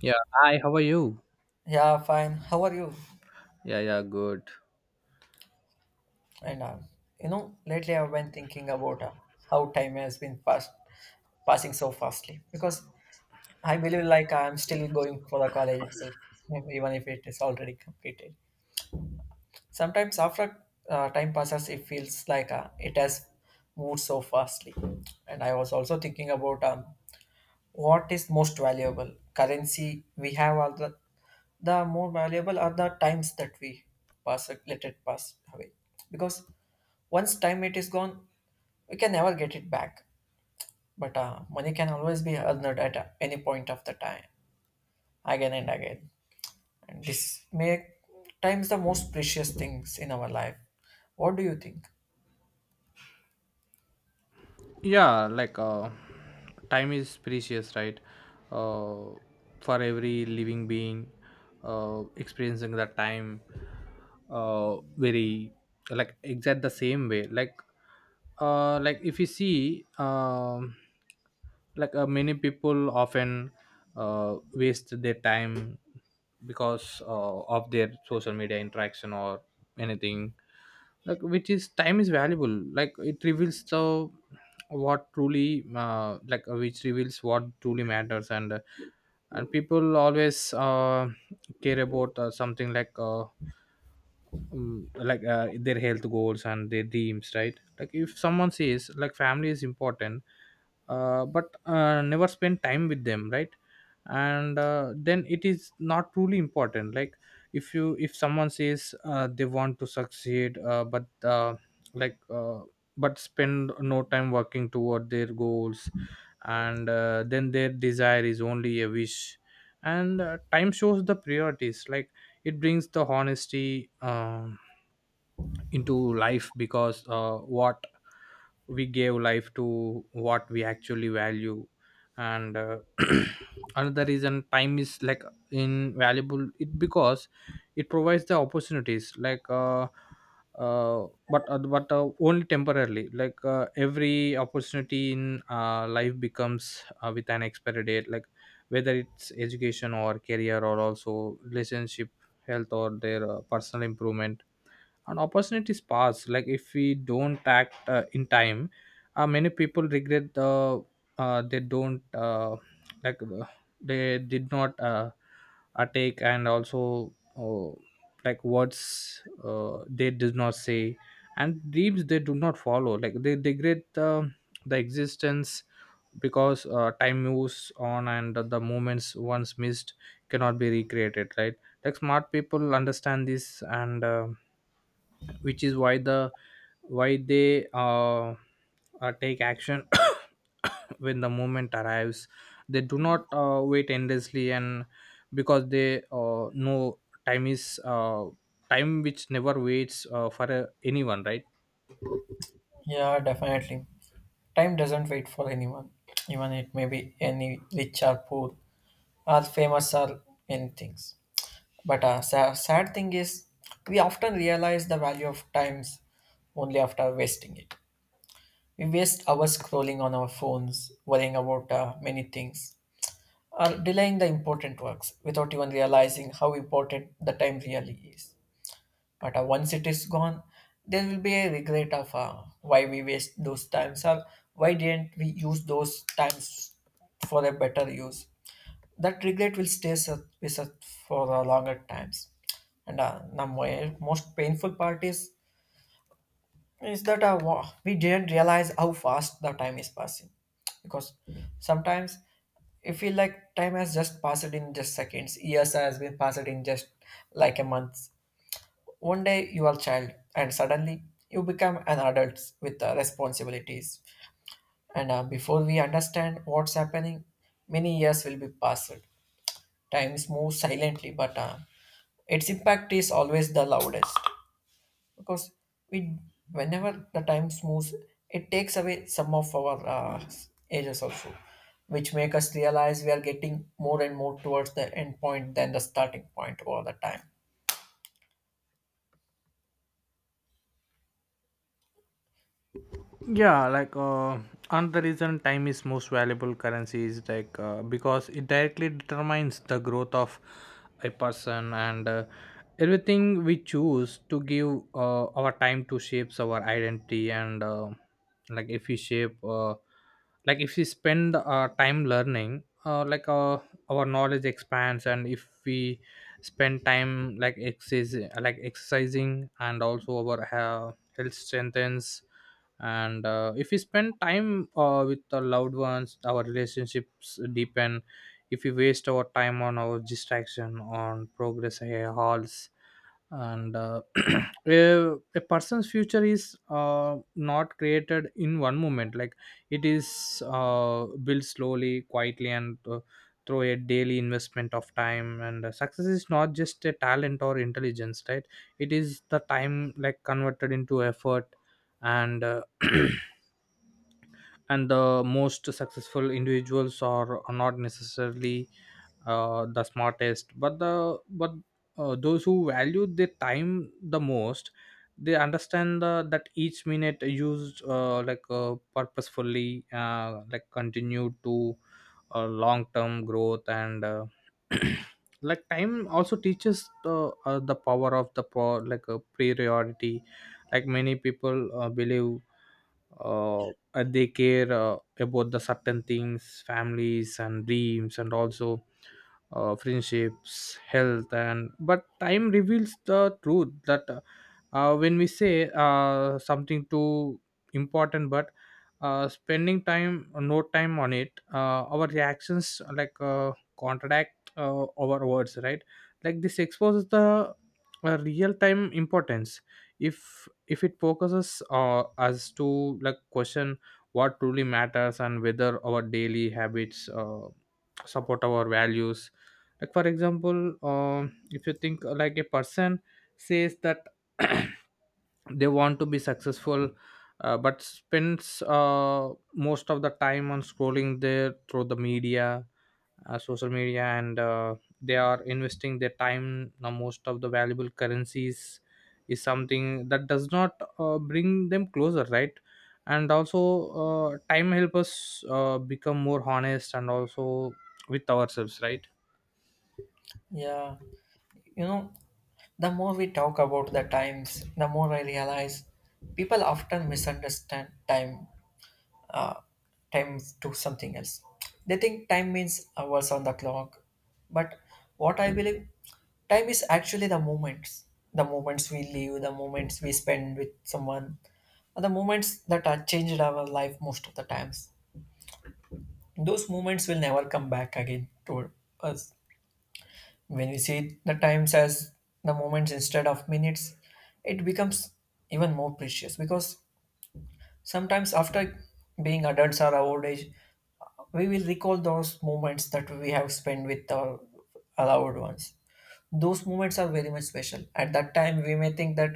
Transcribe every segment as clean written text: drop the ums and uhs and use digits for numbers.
Yeah. Hi, how are you? Yeah, fine. How are you? Yeah, yeah, good. And uh, Lately I've been thinking about how time has been fast, passing so fastly. Because I believe like I'm still going for the college itself, even if it is already completed. Sometimes after time passes, it feels like it has moved so fastly. And I was also thinking about what is most valuable? Currency we have all the more valuable are the times that we pass let it pass away. Because once time it is gone, we can never get it back. But Money can always be earned at any point of the time, again and again. And this make times the most precious things in our life. What do you think? Yeah, like time is precious, right? uh, for every living being experiencing that time, very, like, exact the same way, like if you see, like many people often waste their time because of their social media interaction or anything, like, which is time is valuable, like it reveals the what truly like which reveals what truly matters. And and people always care about something, like their health goals and their dreams, right? Like if someone says like family is important, but never spend time with them, right? And then it is not truly important. Like if someone says they want to succeed, like uh, but spend no time working toward their goals, and then their desire is only a wish. And time shows the priorities. Like it brings the honesty into life, because what we gave life to, what we actually value. And another reason time is, like, invaluable, it because it provides the opportunities, like but only temporarily. Like every opportunity in life becomes with an expiry date, like whether it's education or career or also relationship, health, or their personal improvement, and opportunities pass, like if we don't act in time. Many people regret the, they don't, like uh, they did not, take, and also, like words they did not say, and dreams they do not follow, like they degrade the existence, because time moves on and the moments once missed cannot be recreated, right? Like smart people understand this, and which is why the why they take action when the moment arrives. They do not wait endlessly, and because they know time is time which never waits for anyone, right? Yeah, definitely. Time doesn't wait for anyone, even it may be any rich or poor. Are famous or many things. But a sad thing is, we often realize the value of times only after wasting it. We waste hours scrolling on our phones, worrying about many things, or delaying the important works without even realizing how important the time really is. But Once it is gone, there will be a regret of why we waste those times or why didn't we use those times for a better use, that regret will stay with us for the longer times. And the mo- most painful part is that we didn't realize how fast the time is passing, because sometimes we feel like time has just passed in just seconds, years has been passed in just like a month. One day you are a child, and suddenly you become an adult with responsibilities. And Before we understand what's happening, many years will be passed. Times move silently, but its impact is always the loudest because we, whenever the time moves, it takes away some of our ages also, which make us realize we are getting more and more towards the end point than the starting point all the time. Yeah, like another reason time is most valuable currency is, like, because it directly determines the growth of a person, and everything we choose to give our time to shapes our identity. And like if we shape, like if we spend time learning, our knowledge expands, and if we spend time like exercise, like exercising, and also our health strengthens. And if we spend time with our loved ones, our relationships deepen. If we waste our time on our distraction, on progress halls. And a person's future is not created in one moment. Like it is built slowly, quietly, and through a daily investment of time. And success is not just a talent or intelligence, right? It is the time, like, converted into effort. And and the most successful individuals are not necessarily the smartest, but the, but those who value their time the most. They understand that each minute used purposefully, like, continue to long term growth. And like time also teaches the power of the a priority. Like many people believe and they care about the certain things, families and dreams and also friendships, health. And but time reveals the truth that when we say something too important, but spending time, no time on it, our reactions, like contradict our words, right? Like this exposes the real time importance, if it focuses us to, like, question what truly matters and whether our daily habits support our values. Like, for example, if you think, like, a person says that they want to be successful, but spends most of the time on scrolling there through the media, social media, and they are investing their time, now most of the valuable currencies, is something that does not bring them closer, right? And also time help us become more honest, and also with ourselves, right? Yeah, you know, the more we talk about the times, the more I realize people often misunderstand time uh, time to something else. They think time means hours on the clock, but what I believe, time is actually the moments we live, the moments we spend with someone, are the moments that are changed our life most of the times. Those moments will never come back again to us. When we see the times as the moments instead of minutes, it becomes even more precious because sometimes after being adults or our old age, we will recall those moments that we have spent with our loved ones. Those moments are very much special. At that time, we may think that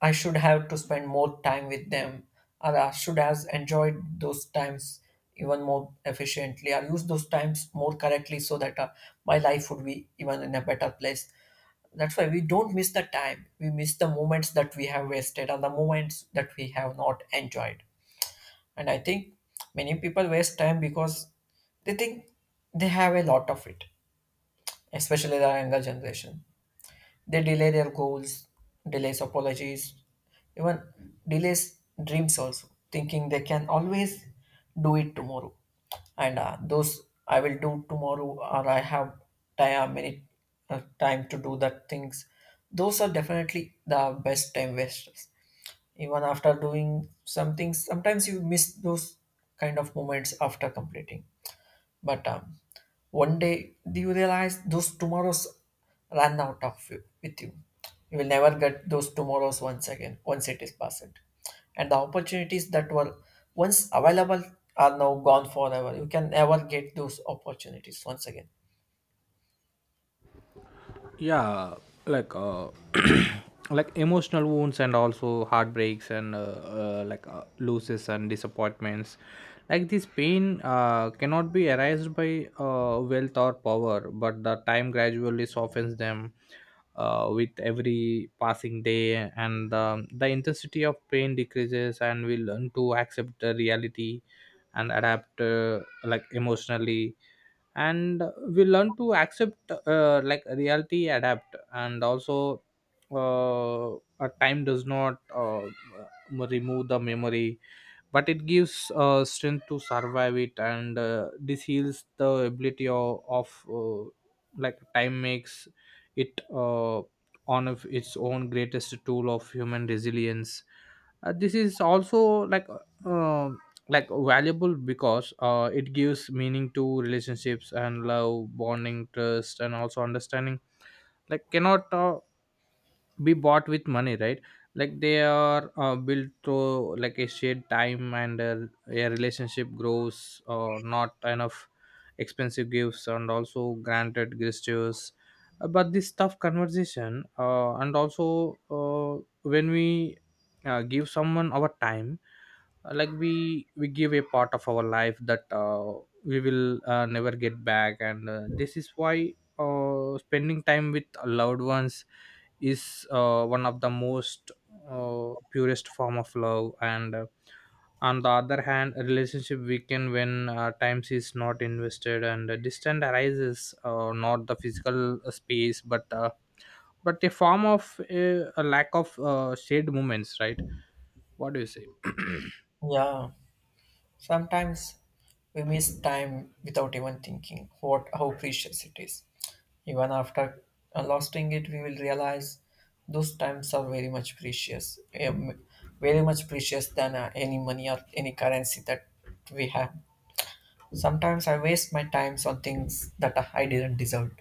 I should have to spend more time with them, or I should have enjoyed those times even more efficiently, or used those times more correctly so that my life would be even in a better place. That's why we don't miss the time. We miss the moments that we have wasted or the moments that we have not enjoyed, and I think many people waste time because they think they have a lot of it, especially the younger generation. They delay their goals, delays apologies, even delays dreams also, thinking they can always do it tomorrow. And Those I will do tomorrow, or I have time, many time to do that things. Those are definitely the best time wasters, even after doing some things, sometimes you miss those kind of moments after completing. But one day you realize those tomorrows run out of you, with you. You will never get those tomorrows once again once it is passed. And the opportunities that were once available are now gone forever. You can never get those opportunities once again. Yeah, like like emotional wounds and also heartbreaks and losses and disappointments, like this pain cannot be erased by wealth or power, but the time gradually softens them with every passing day, and the intensity of pain decreases and we learn to accept the reality and adapt, like, emotionally. And we learn to accept, like, reality, adapt, and also uh, a time does not remove the memory, but it gives strength to survive it, and this heals the ability of like time makes it one of its own greatest tool of human resilience. This is also, like, uh, like, valuable, because it gives meaning to relationships, and love, bonding, trust, and also understanding, like, cannot be bought with money, right? Like they are built through, like, a shared time, and a relationship grows or not enough expensive gifts and also granted gestures. But this tough conversation, and also when we give someone our time, like we give a part of our life that we will never get back. And this is why spending time with loved ones is one of the most purest form of love. And on the other hand, a relationship weaken when times is not invested, and a distant arises, not the physical space, but a form of a lack of shared moments, right? What do you say? Yeah. Sometimes we miss time without even thinking what how precious it is. Even after losing it, we will realize those times are um, very much precious than any money or any currency that we have. Sometimes I waste my times on things that I didn't deserve,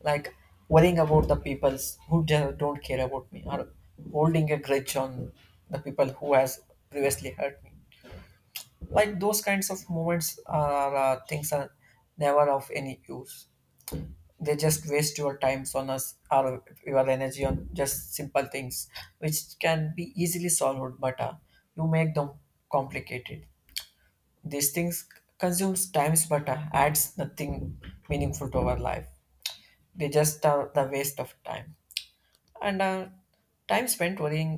like worrying about the people who just don't care about me, or holding a grudge on the people who has previously hurt me, like those kinds of moments are things are never of any use. They just waste your time on us or your energy on just simple things which can be easily solved, but you make them complicated. These things consumes times, but adds nothing meaningful to our life. They just are the waste of time. And Time spent worrying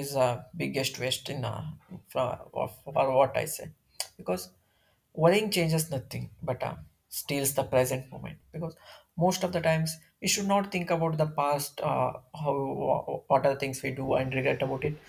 is a biggest waste in for what I say, because worrying changes nothing, but steals the present moment, because most of the times we should not think about the past, how what are the things we do and regret about it,